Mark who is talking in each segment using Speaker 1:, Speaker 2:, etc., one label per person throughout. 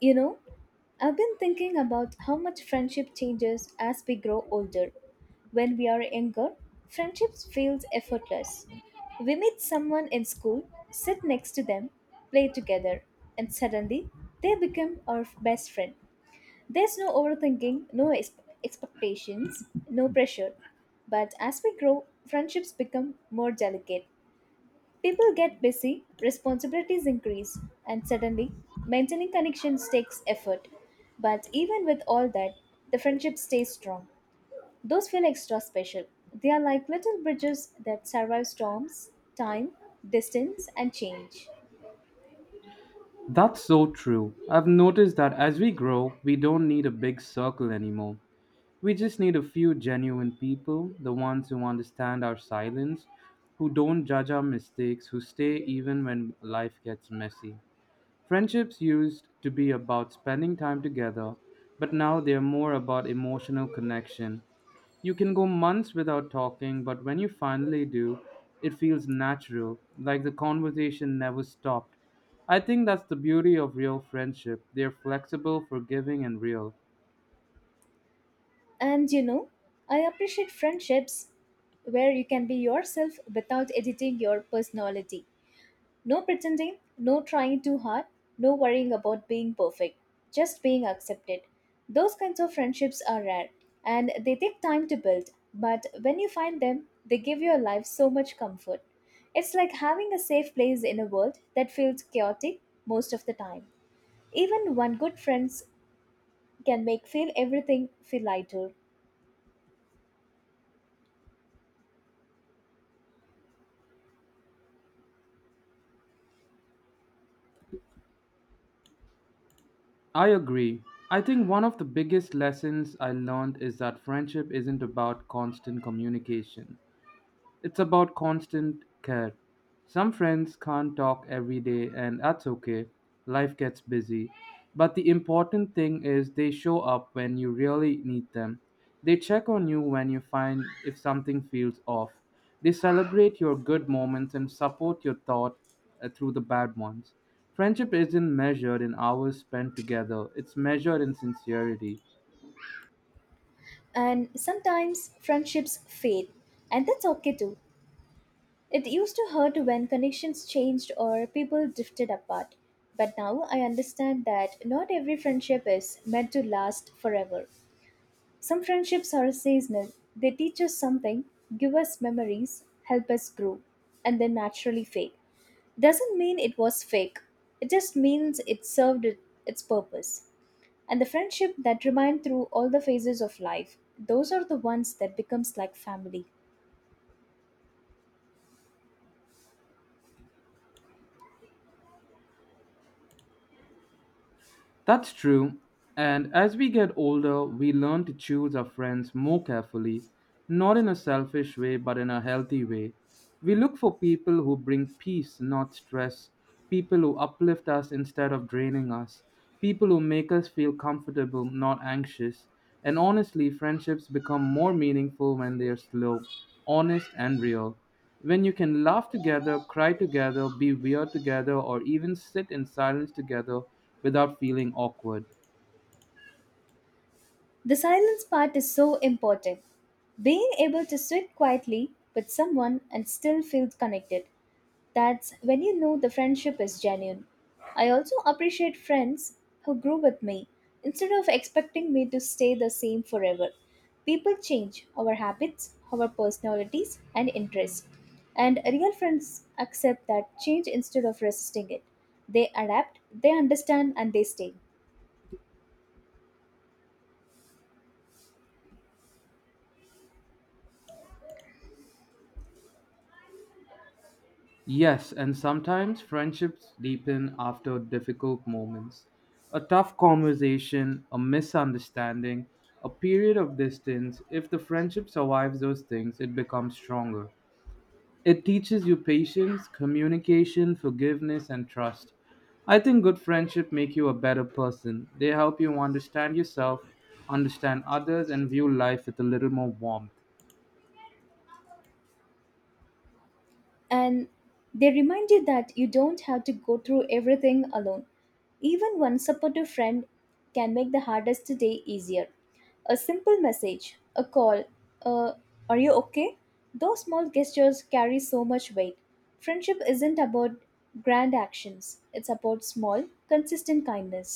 Speaker 1: You know, I've been thinking about how much friendship changes as we grow older. When we are younger, friendships feels effortless. We meet someone in school, sit next to them, play together, and suddenly they become our best friend. There's no overthinking, expectations, no pressure. But as we grow, friendships become more delicate. People get busy, responsibilities increase, and suddenly maintaining connections takes effort. But even with all that, the friendship stays strong. Those feel extra special. They are like little bridges that survive storms, time, distance, and change.
Speaker 2: That's so true. I've noticed that as we grow, we don't need a big circle anymore. We just need a few genuine people, the ones who understand our silence, who don't judge our mistakes, who stay even when life gets messy. Friendships used to be about spending time together, but now they're more about emotional connection. You can go months without talking, but when you finally do, it feels natural, like the conversation never stopped. I think that's the beauty of real friendship. They're flexible, forgiving, and real.
Speaker 1: And you know, I appreciate friendships where you can be yourself without editing your personality. No pretending, no trying too hard, no worrying about being perfect, just being accepted. Those kinds of friendships are rare and they take time to build, but when you find them, they give your life so much comfort. It's like having a safe place in a world that feels chaotic most of the time. Even one good friend can make feel everything feel lighter.
Speaker 2: I agree. I think one of the biggest lessons I learned is that friendship isn't about constant communication. It's about constant care. Some friends can't talk every day, and that's okay. Life gets busy. But the important thing is they show up when you really need them. They check on you when you find if something feels off. They celebrate your good moments and support your thought through the bad ones. Friendship isn't measured in hours spent together, it's measured in sincerity.
Speaker 1: And sometimes friendships fade, and that's okay too. It used to hurt when connections changed or people drifted apart. But now I understand that not every friendship is meant to last forever. Some friendships are seasonal. They teach us something, give us memories, help us grow, and then naturally fade. Doesn't mean it was fake. It just means it served its purpose. And the friendship that remain through all the phases of life, those are the ones that becomes like family.
Speaker 2: That's true. And as we get older, we learn to choose our friends more carefully, not in a selfish way, but in a healthy way. We look for people who bring peace, not stress, people who uplift us instead of draining us, people who make us feel comfortable, not anxious. And honestly, friendships become more meaningful when they are slow, honest, and real. When you can laugh together, cry together, be weird together, or even sit in silence together without feeling awkward.
Speaker 1: The silence part is so important. Being able to sit quietly with someone and still feel connected. That's when you know the friendship is genuine. I also appreciate friends who grew with me instead of expecting me to stay the same forever. People change our habits, our personalities, and interests. And real friends accept that change instead of resisting it. They adapt, they understand, and they stay.
Speaker 2: Yes, and sometimes friendships deepen after difficult moments. A tough conversation, a misunderstanding, a period of distance, if the friendship survives those things, it becomes stronger. It teaches you patience, communication, forgiveness, and trust. I think good friendship make you a better person. They help you understand yourself, understand others, and view life with a little more warmth.
Speaker 1: And they remind you that you don't have to go through everything alone. Even one supportive friend can make the hardest day easier. A simple message, a call, a "Are you okay?" Those small gestures carry so much weight. Friendship isn't about grand actions, it's about small, consistent kindness.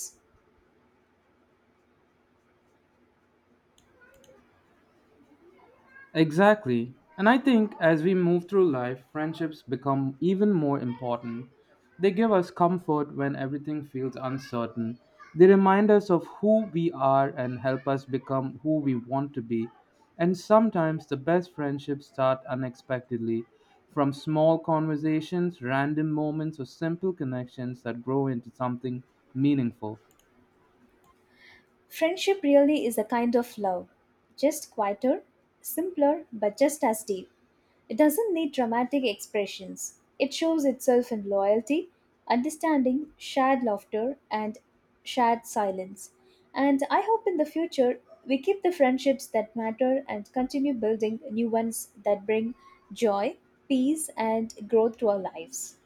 Speaker 2: Exactly. And I think as we move through life, friendships become even more important. They give us comfort when everything feels uncertain. They remind us of who we are and help us become who we want to be. And sometimes the best friendships start unexpectedly from small conversations, random moments, or simple connections that grow into something meaningful.
Speaker 1: Friendship really is a kind of love, just quieter, simpler, but just as deep. It doesn't need dramatic expressions. It shows itself in loyalty, understanding, shared laughter, and shared silence. And I hope in the future we keep the friendships that matter and continue building new ones that bring joy, peace, and growth to our lives.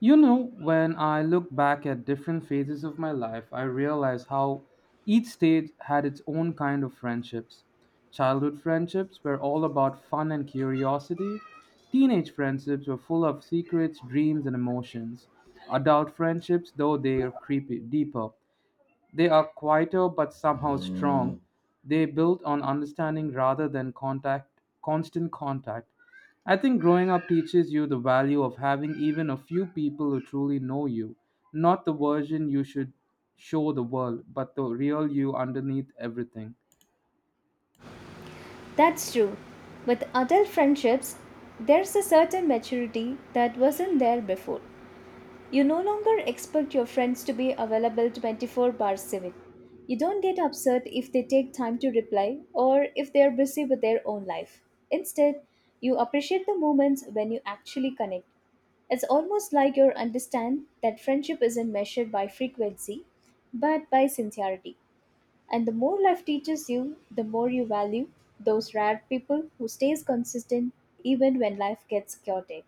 Speaker 2: You know, when I look back at different phases of my life, I realize how each stage had its own kind of friendships. Childhood friendships were all about fun and curiosity. Teenage friendships were full of secrets, dreams, and emotions. Adult friendships, though they are creepy, deeper. They are quieter but somehow strong. They build on understanding rather than contact, constant contact. I think growing up teaches you the value of having even a few people who truly know you, not the version you should show the world, but the real you underneath everything.
Speaker 1: That's true. With adult friendships, there's a certain maturity that wasn't there before. You no longer expect your friends to be available 24 bar 7. You don't get upset if they take time to reply or if they're busy with their own life. Instead, you appreciate the moments when you actually connect. It's almost like you understand that friendship isn't measured by frequency, but by sincerity. And the more life teaches you, the more you value those rare people who stays consistent even when life gets chaotic.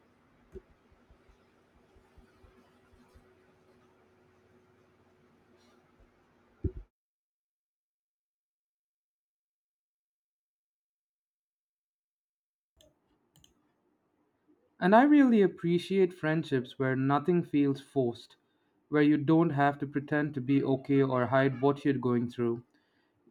Speaker 2: And I really appreciate friendships where nothing feels forced, where you don't have to pretend to be okay or hide what you're going through.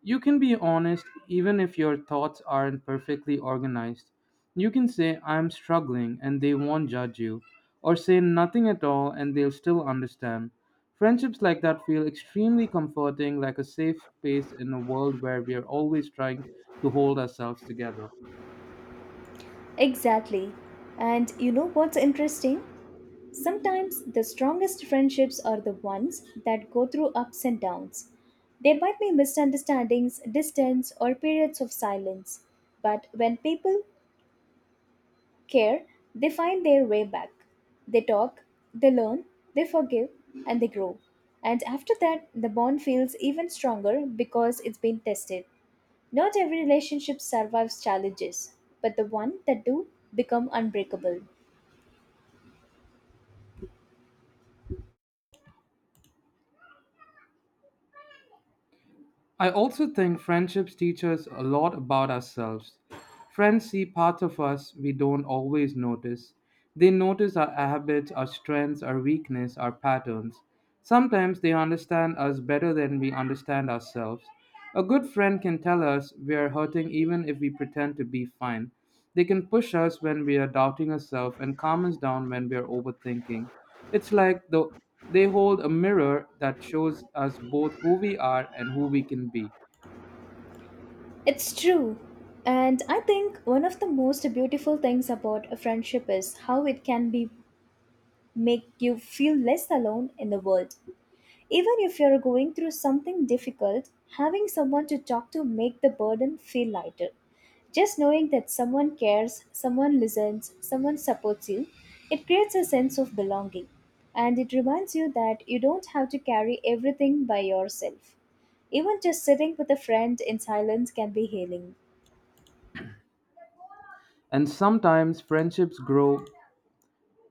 Speaker 2: You can be honest even if your thoughts aren't perfectly organized. You can say, I'm struggling, and they won't judge you, or say nothing at all and they'll still understand. Friendships like that feel extremely comforting, like a safe space in a world where we are always trying to hold ourselves together.
Speaker 1: Exactly. And you know what's interesting? Sometimes the strongest friendships are the ones that go through ups and downs. There might be misunderstandings, distance, or periods of silence. But when people care, they find their way back. They talk, they learn, they forgive, and they grow. And after that, the bond feels even stronger because it's been tested. Not every relationship survives challenges, but the one that do become unbreakable.
Speaker 2: I also think friendships teach us a lot about ourselves. Friends see parts of us we don't always notice. They notice our habits, our strengths, our weakness, our patterns. Sometimes they understand us better than we understand ourselves. A good friend can tell us we are hurting even if we pretend to be fine. They can push us when we are doubting ourselves and calm us down when we are overthinking. It's like the, they hold a mirror that shows us both who we are and who we can be.
Speaker 1: It's true. And I think one of the most beautiful things about a friendship is how it can be make you feel less alone in the world. Even if you're going through something difficult, having someone to talk to make the burden feel lighter. Just knowing that someone cares, someone listens, someone supports you, it creates a sense of belonging. And it reminds you that you don't have to carry everything by yourself. Even just sitting with a friend in silence can be healing.
Speaker 2: And sometimes friendships grow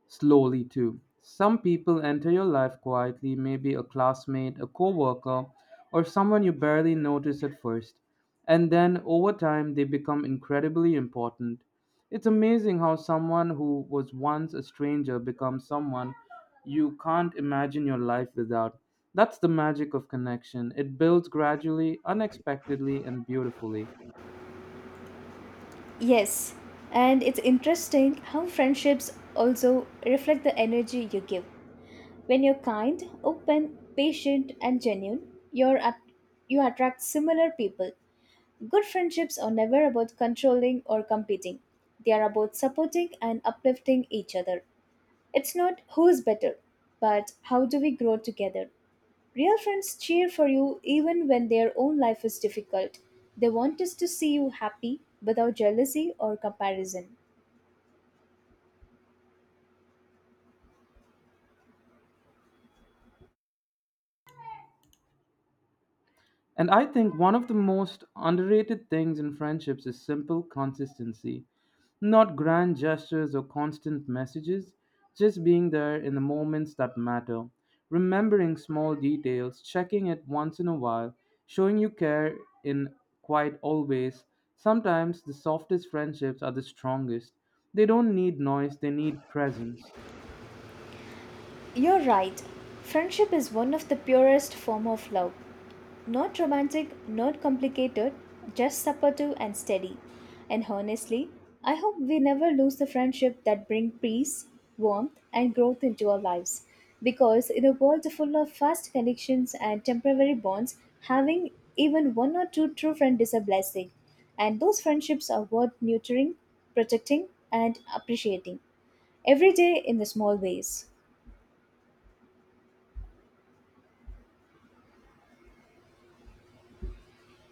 Speaker 2: slowly too. Some people enter your life quietly, maybe a classmate, a coworker, or someone you barely notice at first. And then over time, they become incredibly important. It's amazing how someone who was once a stranger becomes someone you can't imagine your life without. That's the magic of connection. It builds gradually, unexpectedly, and beautifully.
Speaker 1: Yes, and it's interesting how friendships also reflect the energy you give. When you're kind, open, patient, and genuine, you attract similar people. Good friendships are never about controlling or competing. They are about supporting and uplifting each other. It's not who is better, but how do we grow together? Real friends cheer for you even when their own life is difficult. They want us to see you happy without jealousy or comparison.
Speaker 2: And I think one of the most underrated things in friendships is simple consistency. Not grand gestures or constant messages, just being there in the moments that matter, remembering small details, checking it once in a while, showing you care in quite always. Sometimes the softest friendships are the strongest. They don't need noise, they need presence.
Speaker 1: You're right. Friendship is one of the purest form of love. Not romantic, not complicated, just supportive and steady. And honestly, I hope we never lose the friendship that bring peace, warmth, and growth into our lives. Because in a world full of fast connections and temporary bonds, having even one or two true friends is a blessing. And those friendships are worth nurturing, protecting, and appreciating every day in the small ways.